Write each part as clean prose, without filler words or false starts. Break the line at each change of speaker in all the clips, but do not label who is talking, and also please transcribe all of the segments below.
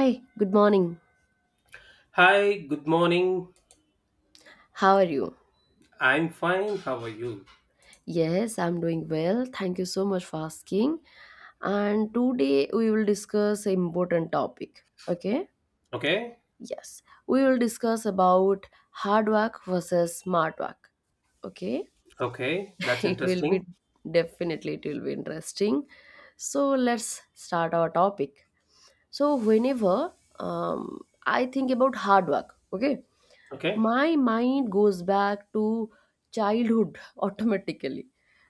Hi, good morning.
Hi, good morning.
How are you?
I'm fine. How are you?
Yes, I'm doing well. Thank you so much for asking. And today we will discuss an important topic. Okay?
Okay.
Yes. We will discuss about hard work versus smart work. Okay?
Okay. That's
It will be
interesting.
definitely it will be interesting. So let's start our topic. So whenever um, I think about hard work, okay?
Okay.
My mind goes back to childhood automatically,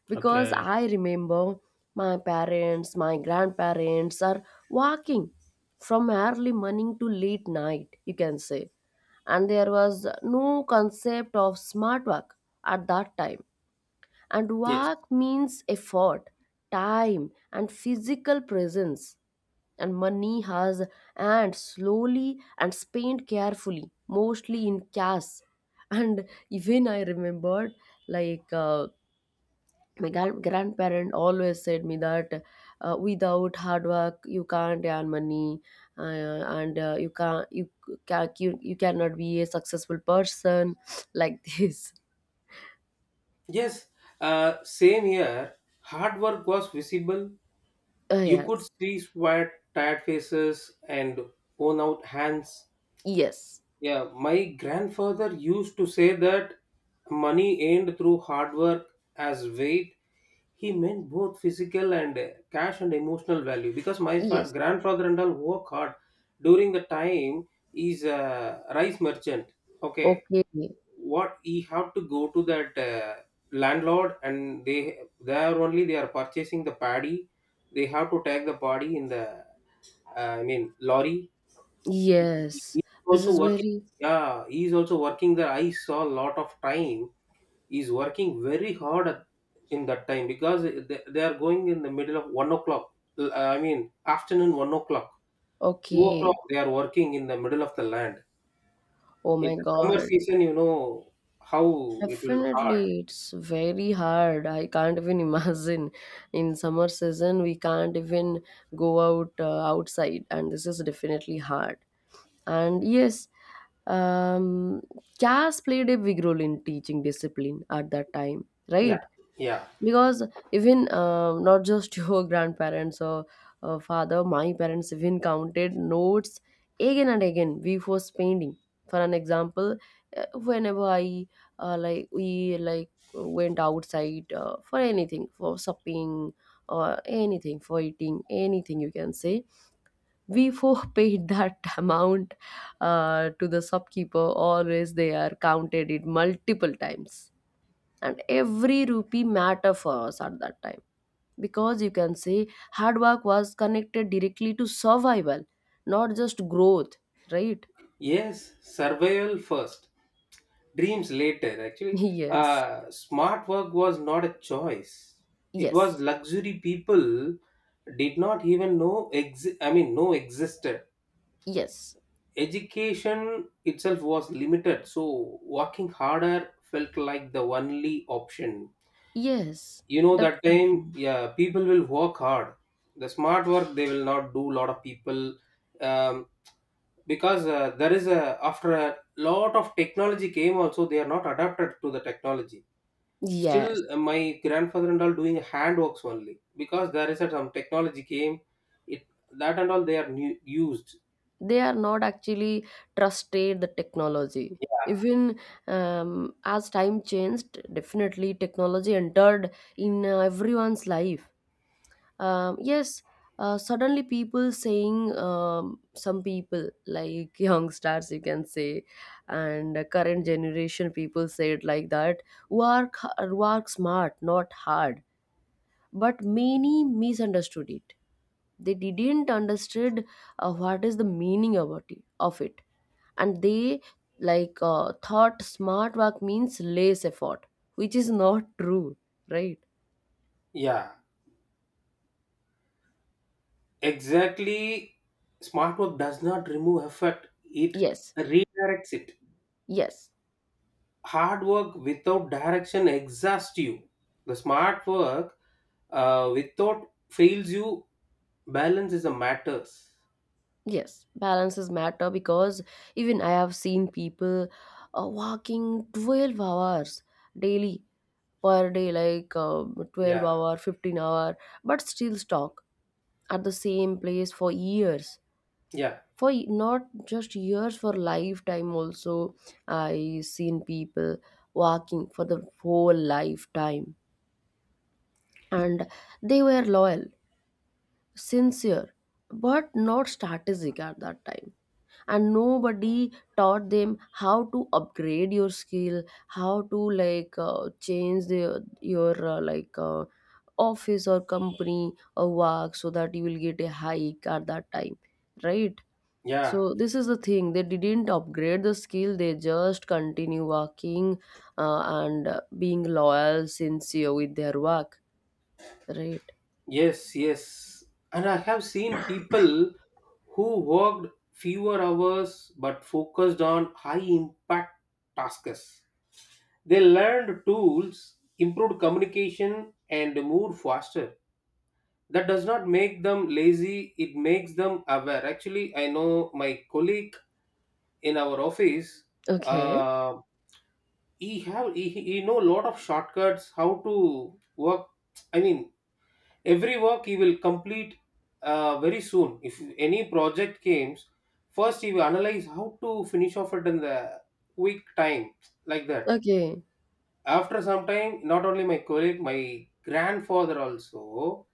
because
Okay.
I remember my parents, my grandparents are walking from early morning to late night, you can say. And there was no concept of smart work at that time, and
Yes.
work means effort, time, and physical presence. And money has earned slowly and spent carefully, mostly in cash. And even I remembered, like, my grandparent always said me that without hard work you can't earn money. uh, and you cannot be a successful person like this.
Yes. Same here. Hard work was visible. You could
Yes,
see sweat, tired faces, and worn out hands.
yes,
Yeah, my grandfather used to say that money earned through hard work as weight. He meant both physical and cash and emotional value because my
yes.
grandfather and all work hard during the time he's a rice merchant. Okay,
Okay.
what he have to go to that landlord and they there only they are purchasing the paddy. They have to take the paddy in the I mean lorry. He
Yes.
is
This
also
is
working.
very.
Yeah, he is also working there. I saw a lot of time. He's working very hard in that time because they are going in the middle of 1 o'clock. I mean, afternoon 1 o'clock, 2 o'clock.
Okay.
They are working in the middle of the land.
Oh my
It's a summer
God.
season, you know how it will hard.
Definitely, it's very hard. I can't even imagine. In summer season, we can't even go out outside, and this is definitely hard. And yes, um, caste played a big role in teaching discipline at that time,
Yeah,
right?
yeah.
Because even not just your grandparents or father, my parents even counted notes again and again before spending. For an example, whenever I like we like went outside for anything, for shopping, or anything for eating, anything, you can say, we four paid that amount to the shopkeeper. Always they are counted it multiple times, and every rupee matter for us at that time, because you can say hard work was connected directly to survival, not just growth, right?
Yes, survival first, dreams later. Actually,
Yes,
smart work was not a choice. It was
yes,
luxury people did not even I mean know existed.
yes,
Education itself was limited, so working harder felt like the only option.
yes,
You know that time,
definitely.
yeah, people will work hard. The smart work they will not do. Lot of people um, because there is a, after a lot of technology came also, they are not adapted to the technology. Still,
Yes,
my grandfather and all doing hand works only because there is a, some technology came, it that and all they are new, used.
they are not actually trusted the technology. Even as time changed, definitely technology entered in everyone's life. Yes, suddenly people saying, some people like young stars, you can say, and current generation people say it like that. Work, work smart, not hard. But many misunderstood it. They didn't understood what is the meaning of it, and they like thought smart work means less effort, which is not true, right?
Yeah, exactly. Smart work does not remove effort, it
Yes,
redirects it.
yes.
Hard work without direction exhausts you, the smart work without fails you. Balance is a matters.
Yes, balances matter, because even I have seen people walking 12 hours daily per day, like 12
Yeah,
hour, 15 hour, but still stuck at the same place for years.
yeah.
Not just years, for lifetime also, I seen people walking for the whole lifetime, and they were loyal, sincere, but not strategic at that time, and nobody taught them how to upgrade your skill, how to like change your like office or company or work so that you will get a hike at that time, right.
Yeah,
So this is the thing, they didn't upgrade the skill, they just continue working, and being loyal, sincere with their work, right.
yes, yes. And I have seen people who worked fewer hours but focused on high impact tasks. They learned tools, improved communication, and moved faster. That does not make them lazy, it makes them aware. Actually, I know my colleague in our office,
Okay,
uh, he have he know a lot of shortcuts how to work. I mean, every work he will complete very soon. If any project comes, first he will analyze how to finish off it in the quick time like that.
okay,
After some time, not only my colleague, my grandfather also,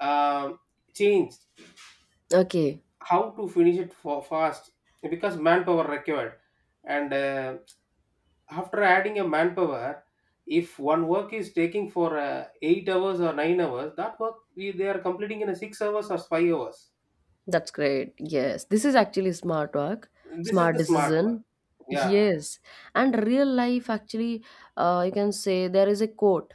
um changed
okay.
how to finish it for fast because manpower required. And after adding a manpower, if one work is taking for 8 hours or 9 hours, that work they are completing in a 6 hours or 5 hours.
That's great. Yes, this is actually smart work,
This is
smart
the smart one.
decision.
Yeah.
Yes, and real life actually, you can say there is a quote.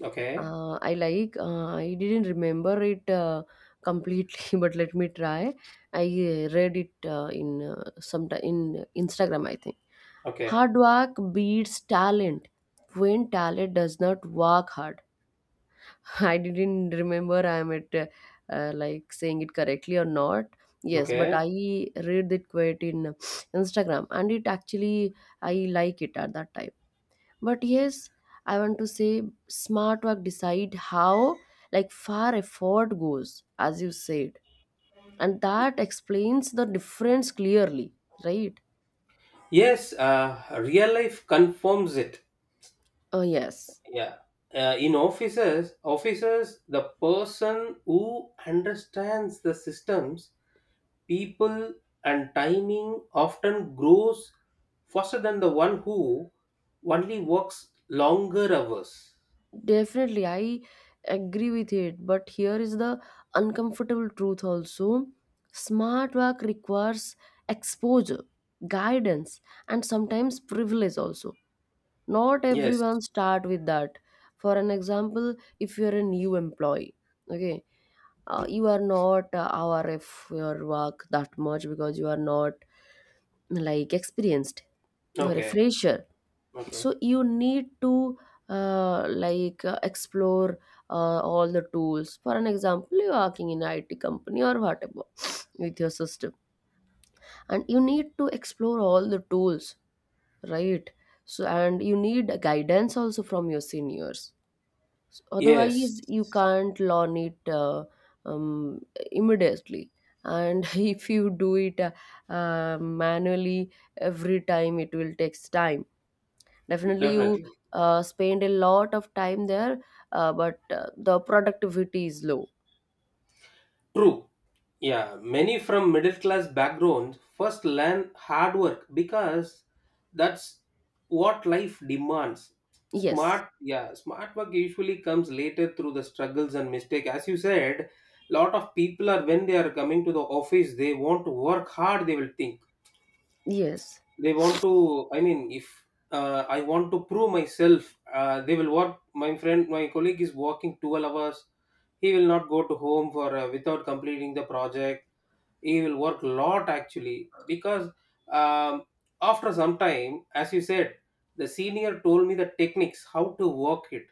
Okay.
I like. I didn't remember it completely, but let me try. I read it in some in Instagram, I think.
Okay.
Hard work beats talent when talent does not work hard. I didn't remember I'm at like saying it correctly or not. Yes, but
Okay.
I read that quote in Instagram, and it actually I like it at that time. But yes, I want to say smart work decide how like far effort goes, as you said. And that explains the difference clearly, right?
Yes. Real life confirms it.
Oh yes.
Yeah. In offices, the person who understands the systems, people, and timing often grows faster than the one who only works longer hours.
Definitely, I agree with it. But here is the uncomfortable truth also, smart work requires exposure, guidance, and sometimes privilege also. Not
Yes.
everyone start with that. For an example, if you are a new employee, okay, you are not aware of your work that much, because you are not like experienced. You are a
Okay.
fresher,
Okay.
so you need to like explore all the tools. For an example, you're working in it company or whatever, with your system, and you need to explore all the tools, right. So, and you need guidance also from your seniors. So,
Yes.
otherwise you can't learn it um, immediately, and if you do it manually every time, it will takes time. Definitely you
Definitely.
spend a lot of time there, but the productivity is low.
True. Yeah, many from middle class backgrounds first learn hard work because that's what life demands.
Yes,
Smart work usually comes later through the struggles and mistake. As you said, lot of people are when they are coming to the office, they want to work hard. They will think
yes,
they want to. I mean, if I want to prove myself, they will work. My friend, my colleague is working 12 hours. He will not go to home for without completing the project. He will work a lot actually because um, after some time, as you said, the senior told me the techniques how to work it,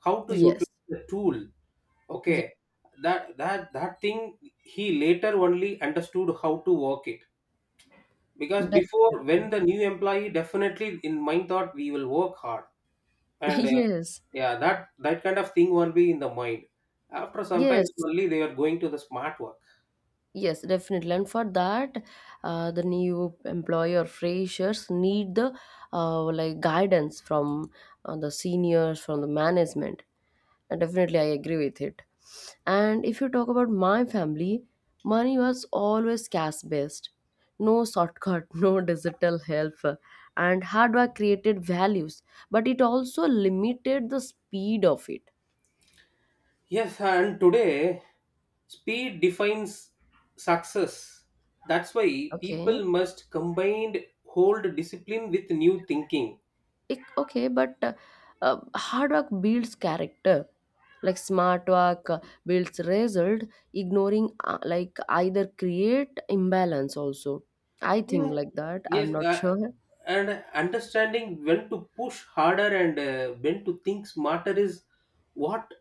how to
yes,
utilize the tool.
yes,
Okay, that thing he later only understood how to work it because before, when
definitely.
the new employee, definitely in mind thought we will work hard. And
Yes,
yeah, that kind of thing won't be in the mind. After sometimes
yes,
only they are going to the smart work.
yes, definitely. And for that, the new employer freshers need the like guidance from the seniors from the management. Definitely, I agree with it. And if you talk about my family, money was always cash based. No shortcut, no digital help. And hard work created values, but it also limited the speed of it.
Yes, and today speed defines success. That's why
Okay.
people must combined hold discipline with new thinking.
Okay, but hard work builds character. Like smart work builds result, ignoring like either create imbalance also. I think
Yeah.
like that. I'm
Yes,
not sure.
and understanding when to push harder and when to think smarter is what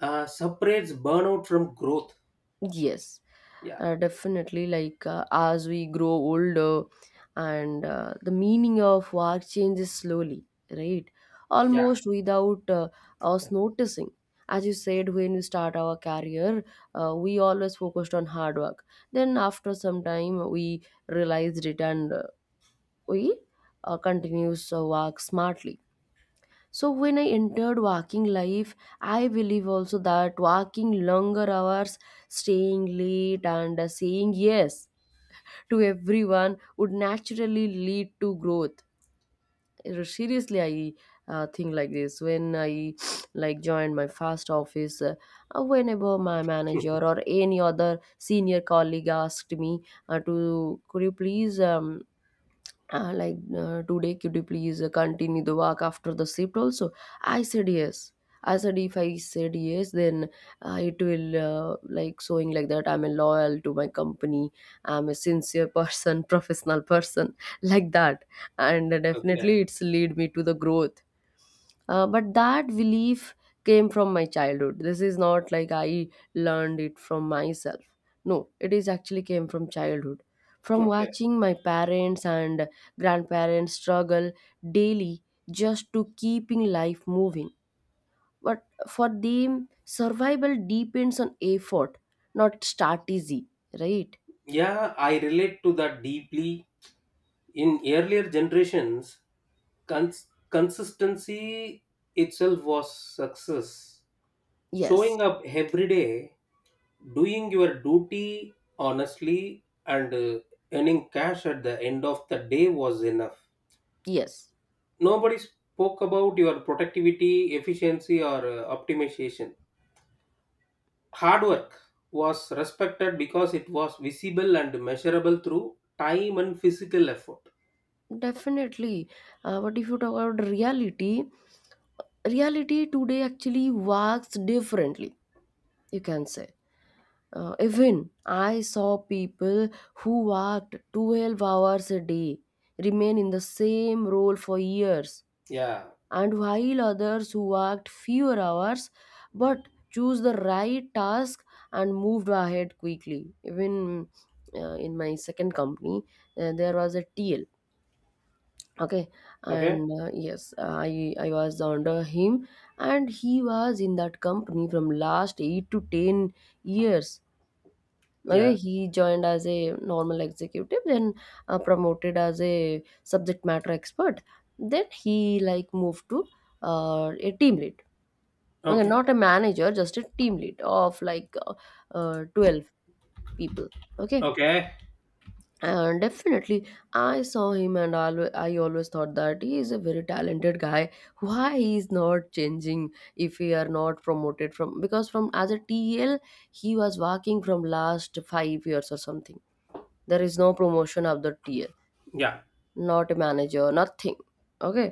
separates burnout from growth.
Yes,
Yeah,
definitely. Like as we grow older, and the meaning of work changes slowly, right?
yeah,
Almost without us noticing. As you said, when we start our career, we always focused on hard work. Then after some time, we realized it, and we continues work smartly. So when I entered working life, I believe also that working longer hours, staying late, and saying yes to everyone would naturally lead to growth. Seriously, I think like this. When I like joined my first office, whenever my manager or any other senior colleague asked me to, could you please like today, could you please continue the work after the shift also, I said yes. I said, if I said yes, then it will like showing like that, I'm a loyal to my company, I'm a sincere person, professional person, like that. And
okay,
definitely it's lead me to the growth. But that belief came from my childhood. This is not like I learned it from myself. No, it is actually came from childhood. From
okay.
watching my parents and grandparents struggle daily just to keeping life moving. But for them, survival depends on effort, not start easy, right?
Yeah, I relate to that deeply. In earlier generations, consistency itself was success.
Yes,
Showing up every day, doing your duty honestly, and earning cash at the end of the day was enough.
yes.
Nobody spoke about your productivity, efficiency, or optimization. Hard work was respected because it was visible and measurable through time and physical effort.
Definitely. But if you talk about reality, reality today actually works differently, you can say. Even I saw people who worked 12 hours a day remain in the same role for years,
Yeah.
and while others who worked fewer hours but choose the right task and moved ahead quickly. Even in my second company, there was a TL, okay,
Okay.
and yes, I was under him. And he was in that company from last 8 to 10 years. Okay,
Yeah.
he joined as a normal executive, then promoted as a subject matter expert, then he like moved to a team lead. Okay,
Okay.
not a manager, just a team lead of like uh, 12 people. Okay.
Okay.
And definitely I saw him, and I always thought that he is a very talented guy, why he is not changing. If he are not promoted from, because from as a tel he was working from last 5 years or something, there is no promotion of the TL,
Yeah.
not a manager, nothing, okay.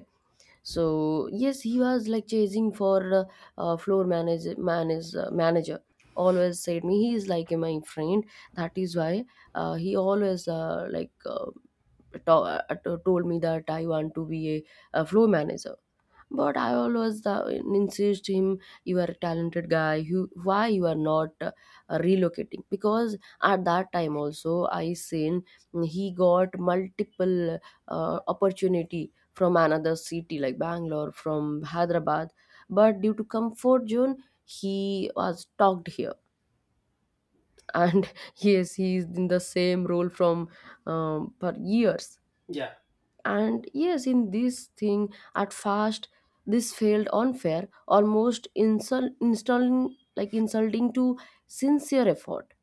So yes, he was like chasing for floor manager. Always said me he is like my friend, that is why he always like to- uh, told me that I want to be a floor manager. But I always insist him, you are a talented guy. Why you are not relocating? Because at that time also, I seen he got multiple opportunity from another city, like Bangalore, from Hyderabad. But due to comfort zone, he was talked here, and yes, he is in the same role from for years.
Yeah.
And yes, in this thing, at first, this felt unfair, almost insult, installing, like insulting to sincere effort.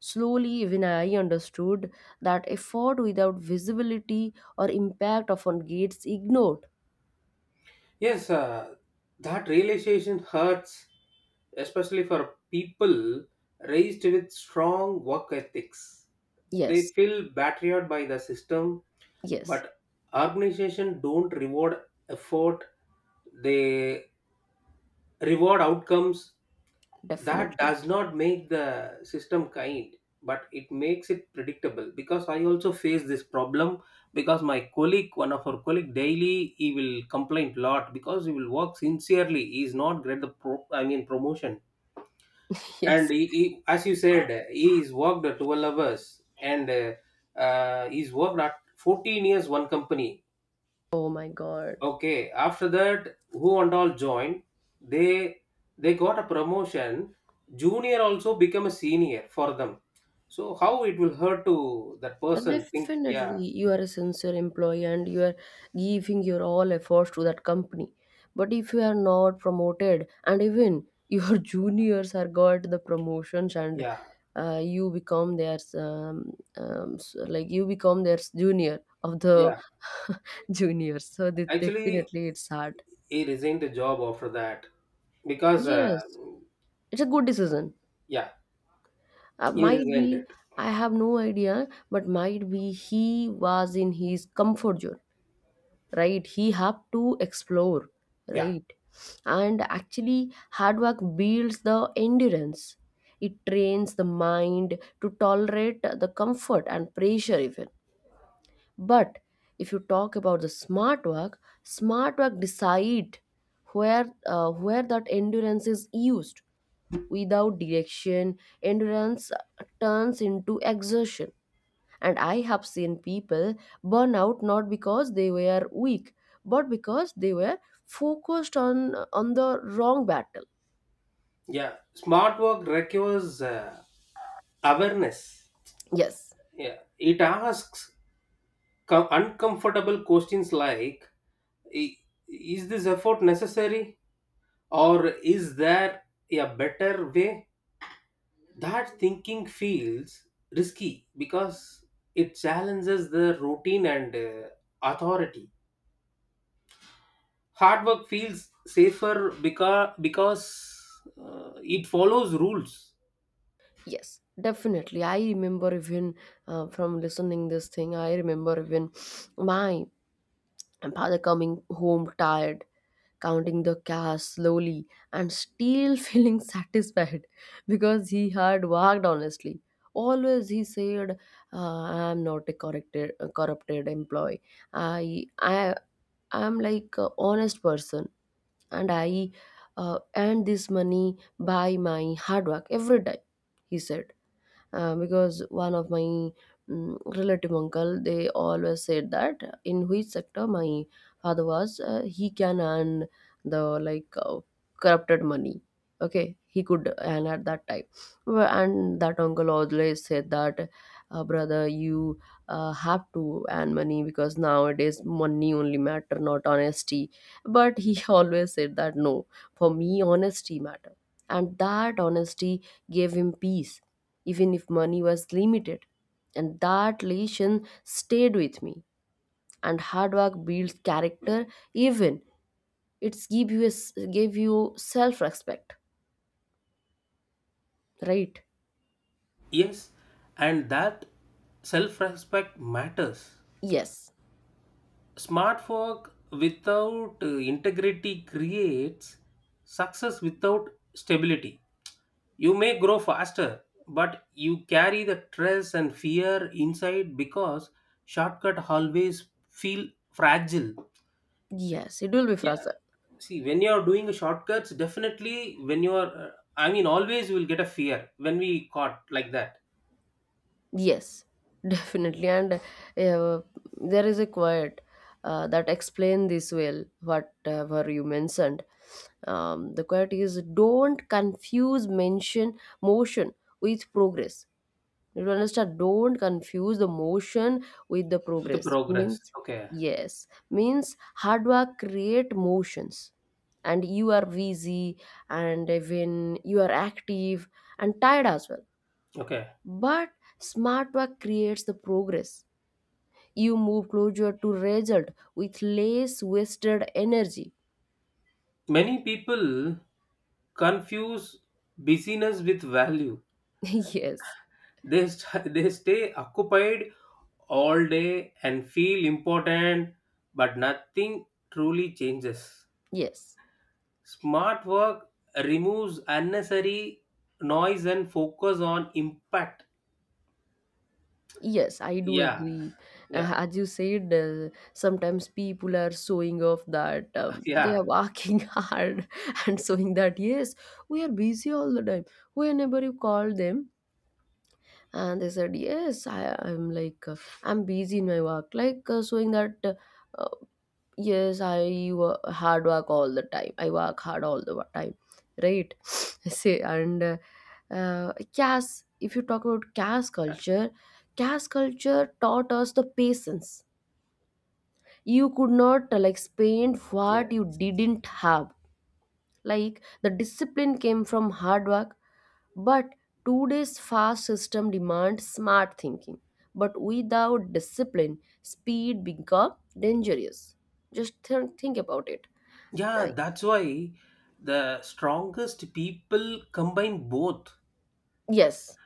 Slowly, even I understood that effort without visibility or impact often gets ignored.
Yes, that realization hurts, especially for people raised with strong work ethics. They
Yes,
feel battered by the system,
yes,
but organizations don't reward effort. They reward outcomes. That
definitely.
does not make the system kind, but it makes it predictable because I also face this problem because my colleague, one of our colleague, daily he will complain a lot because he will work sincerely, he is not get the I mean promotion.
Yes.
And he, as you said, he is worked 12 hours. And he's worked at 14 years one company.
Oh my God.
Okay, after that, who and all joined? They they got a promotion. Junior also become a senior for them. So how it will hurt to that person? Think, yeah,
Definitely, you are a sincere employee and you are giving your all efforts to that company. But if you are not promoted, and even your juniors are got the promotions, and
yeah,
you become their like you become their junior of the
yeah.
juniors. So
Actually,
definitely, it's hard.
he resigned the job after that because,
Yes, it's a good decision.
yeah, he
Might
resigned
be
it.
I have no idea, but might be he was in his comfort zone, right? He have to explore,
Yeah,
right? And actually, hard work builds the endurance. It trains the mind to tolerate the comfort and pressure even. But if you talk about the smart work, smart work decide where that endurance is used. Without direction, endurance turns into exertion. And I have seen people burn out, not because they were weak, but because they were focused on the wrong battle.
yeah. Smart work requires awareness.
Yes,
Yeah, it asks uncomfortable questions like, "I- Is this effort necessary?" Or is there a better way? That thinking feels risky because it challenges the routine and authority. Hard work feels safer because it follows rules.
yes, definitely. I remember even from listening this thing, I remember even my father coming home tired, counting the cash slowly, and still feeling satisfied because he had worked honestly. Always he said, "I am not a corrupted, a corrupted employee. I, I, I am like a honest person, and I earn this money by my hard work every day," he said, because one of my relative uncle, they always said that in which sector my father was, he can earn the like corrupted money. Okay, he could earn at that time. Well, and that uncle always said that, brother, you have to earn money, because nowadays money only matter, not honesty. But he always said that no, for me honesty matter. And that honesty gave him peace, even if money was limited. And that lesson stayed with me. And hard work builds character. Even it's give you a s give you self respect, right?
Yes, and that self respect matters.
Yes,
Smart work without integrity creates success without stability. You may grow faster, but you carry the stress and fear inside because shortcut always feel fragile.
yes, it will be
Yeah,
fast.
see, when you are doing a shortcuts, definitely when you are, I mean, always you will get a fear when we caught like that
Yes, definitely. And uh, there is a quote that explain this well, whatever you mentioned. The quote is, don't confuse mention motion with progress. You understand? Don't confuse the motion with the
with the
progress.
progress.
Means
Okay,
yes. Means hard work create motions. And you are busy, and when you are active and tired as well.
okay.
But smart work creates the progress. You move closer to result with less wasted energy.
Many people confuse busyness with value.
Yes,
They they stay occupied all day and feel important but nothing truly changes.
yes,
Smart work removes unnecessary noise and focus on impact.
yes, I do
Yeah,
agree.
yeah.
As you said, sometimes people are showing off that they
Yeah,
are working hard, and showing that, yes, we are busy all the time. Whenever you call them, and they said, yes, I'm like, I'm busy in my work, like showing that. Uh, Yes, hard work all the time. I work hard all the time, right? See, and Cass, if you talk about Cass culture taught us the patience. You could not like spend
yeah,
what you didn't have. Like the discipline came from hard work, but today's fast system demands smart thinking. But without discipline, speed become dangerous. Just think about it.
yeah,
Like,
that's why the strongest people combine both.
yes,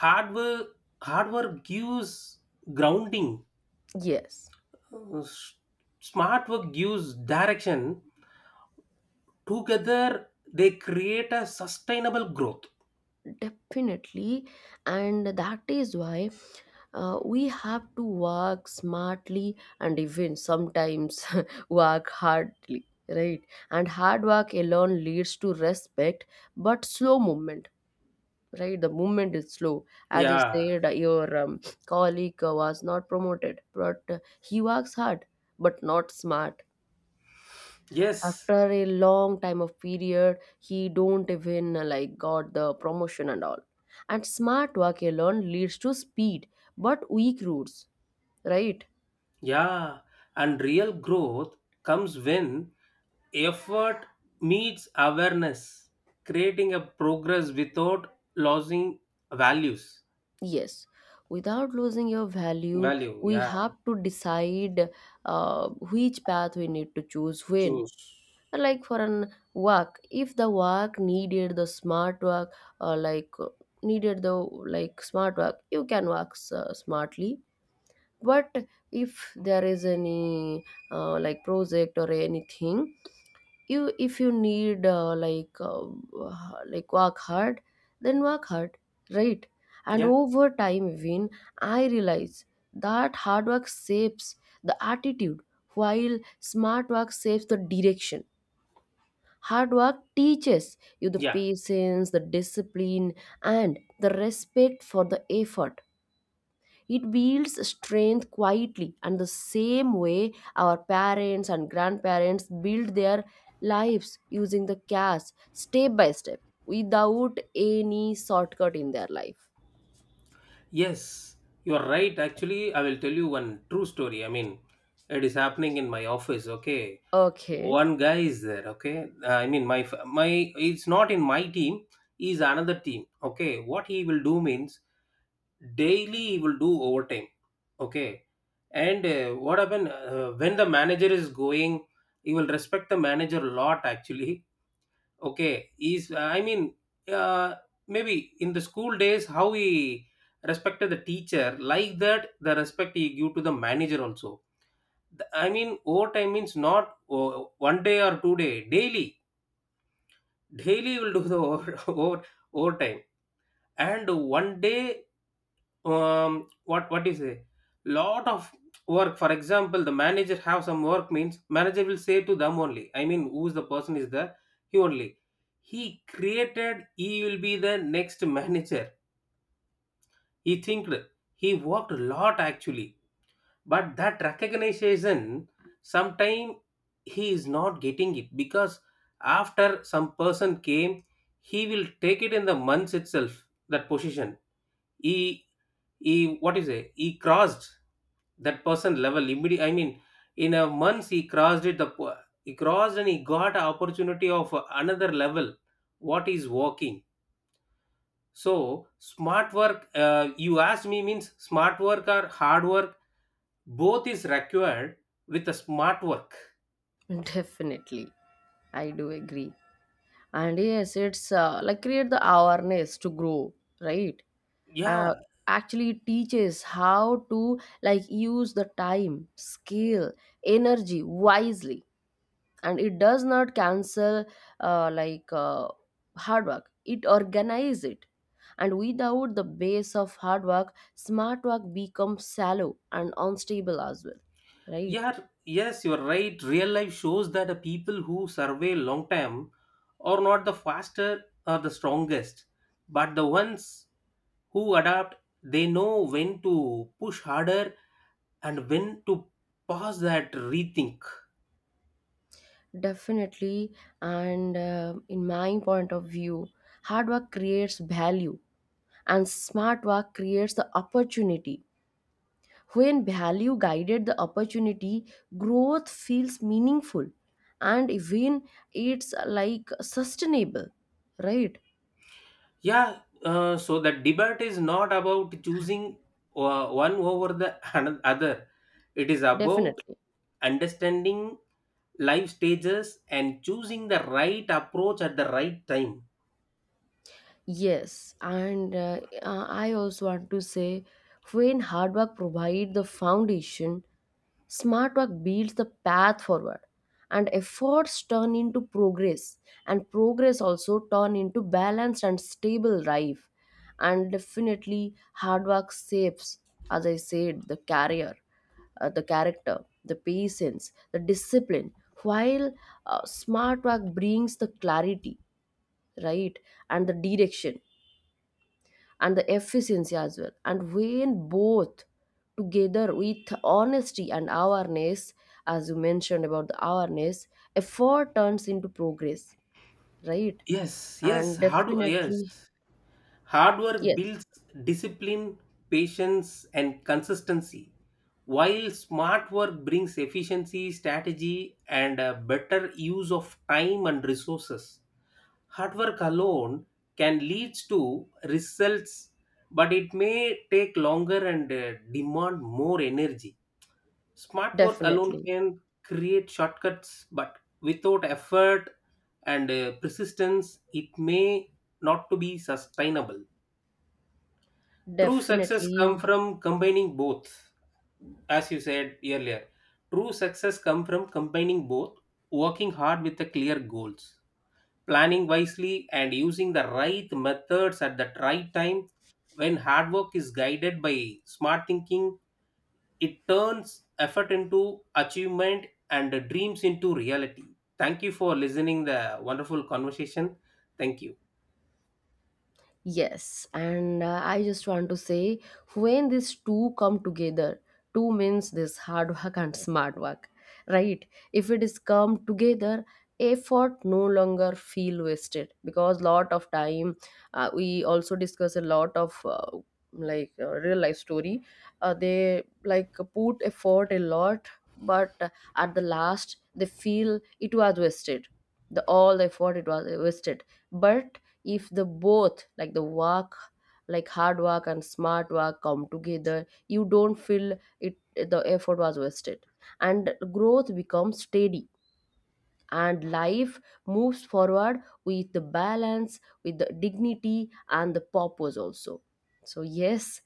Hard work hard work gives grounding,
yes,
uh, s- smart work gives direction. Together they create a sustainable growth.
definitely. And that is why we have to work smartly and even sometimes work hardly, right? And hard work alone leads to respect, but slow movement, right? The movement is slow. As you
Yeah,
said, your colleague was not promoted, but he works hard, but not smart.
yes,
After a long time of period, he don't even like got the promotion and all. And smart work alone leads to speed but weak roots, right?
yeah. And real growth comes when effort meets awareness, creating a progress without losing values,
Yes, without losing your value,
value,
we
yeah,
have to decide which path we need to choose when.
choose,
Like for an work, if the work needed the smart work, like needed the like smart work, you can work smartly. But if there is any like project or anything, you if you need like work hard, then work hard, right? And
yeah,
over time, when I realize that hard work shapes the attitude, while smart work shapes the direction. Hard work teaches you the
yeah.
patience, the discipline, and the respect for the effort. It builds strength quietly, and the same way our parents and grandparents build their lives using the cash, step by step, without any shortcut in their life.
Yes, you are right. Actually, I will tell you one true story. I mean, it is happening in my office. Okay,
Okay,
one guy is there. Okay. I mean, my f- my it's not in my team. Is another team. Okay, what he will do means daily he will do overtime. Okay. And what happened when the manager is going, he will respect the manager a lot. Actually, okay, is I mean, uh, maybe in the school days, how we respected the teacher, like that, the respect you give to the manager also. I mean, overtime means not oh, one day or 2 day, daily. Daily will do the overtime. And one day what do you say, lot of work. For example, the manager have some work means manager will say to them only. I mean, who's the person is there, he only, he created, he will be the next manager, he thinked, he worked a lot actually. But that recognition sometime he is not getting it because after some person came, he will take it in the months itself, that position. He he, what is it, he crossed that person level immediately. I mean, in a month he crossed it. The he crossed and he got an opportunity of another level. What is working. So smart work, you asked me means smart work or hard work, both is required, with a smart work.
definitely. I do agree. And yes, it's like create the awareness to grow, right?
Yeah,
Uh, Actually, it teaches how to like use the time, skill, energy wisely, and it does not cancel like hard work, it organizes it. And without the base of hard work, smart work becomes shallow and unstable as well, right?
yeah. Yes, you're right. Real life shows that the people who survey long time are not the faster or the strongest, but the ones who adapt. They know when to push harder and when to pause that rethink.
Definitely. And in my point of view, hard work creates value, and smart work creates the opportunity. When value guided the opportunity, growth feels meaningful, and even it's like sustainable, right?
Yeah. So the debate is not about choosing one over the other. It is about
Definitely.
understanding life stages and choosing the right approach at the right time.
Yes, and I also want to say, when hard work provide the foundation, smart work builds the path forward, and efforts turn into progress, and progress also turn into balanced and stable life. And definitely, hard work shapes, as I said, the career, the character, the patience, the discipline. While smart work brings the clarity, right, and the direction and the efficiency as well. And when both together with honesty and awareness, as you mentioned about the awareness, effort turns into progress, right?
Yes, yes,
And
how do, yes.
definitely,
Hard work
yes,
builds discipline, patience, and consistency, while smart work brings efficiency, strategy, and a better use of time and resources. Hard work alone can lead to results, but it may take longer and demand more energy. Smart work alone
definitely,
can create shortcuts, but without effort and persistence, it may not to be sustainable. True success come
definitely.
from combining both, as you said earlier. True success come from combining both, working hard with the clear goals, planning wisely and using the right methods at the right time. When hard work is guided by smart thinking, it turns effort into achievement and dreams into reality. Thank you for listening the wonderful conversation. Thank you.
Yes, and I just want to say, when these two come together, two means this hard work and smart work, right? If it is come together, effort no longer feel wasted, because lot of time we also discuss a lot of like real life story. They like put effort a lot, but at the last they feel it was wasted. The all the effort it was wasted. But if the both like the work like hard work and smart work come together, you don't feel it the effort was wasted. And growth becomes steady, and life moves forward with the balance, with the dignity and the purpose also. So yes,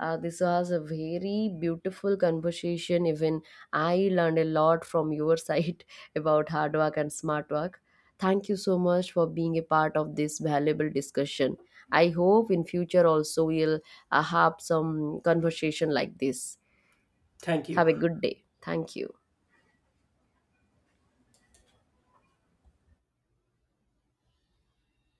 this was a very beautiful conversation. Even I learned a lot from your side about hard work and smart work. Thank you so much for being a part of this valuable discussion. I hope in future also we'll have some conversation like this.
Thank
Have
you.
a good day. Thank you.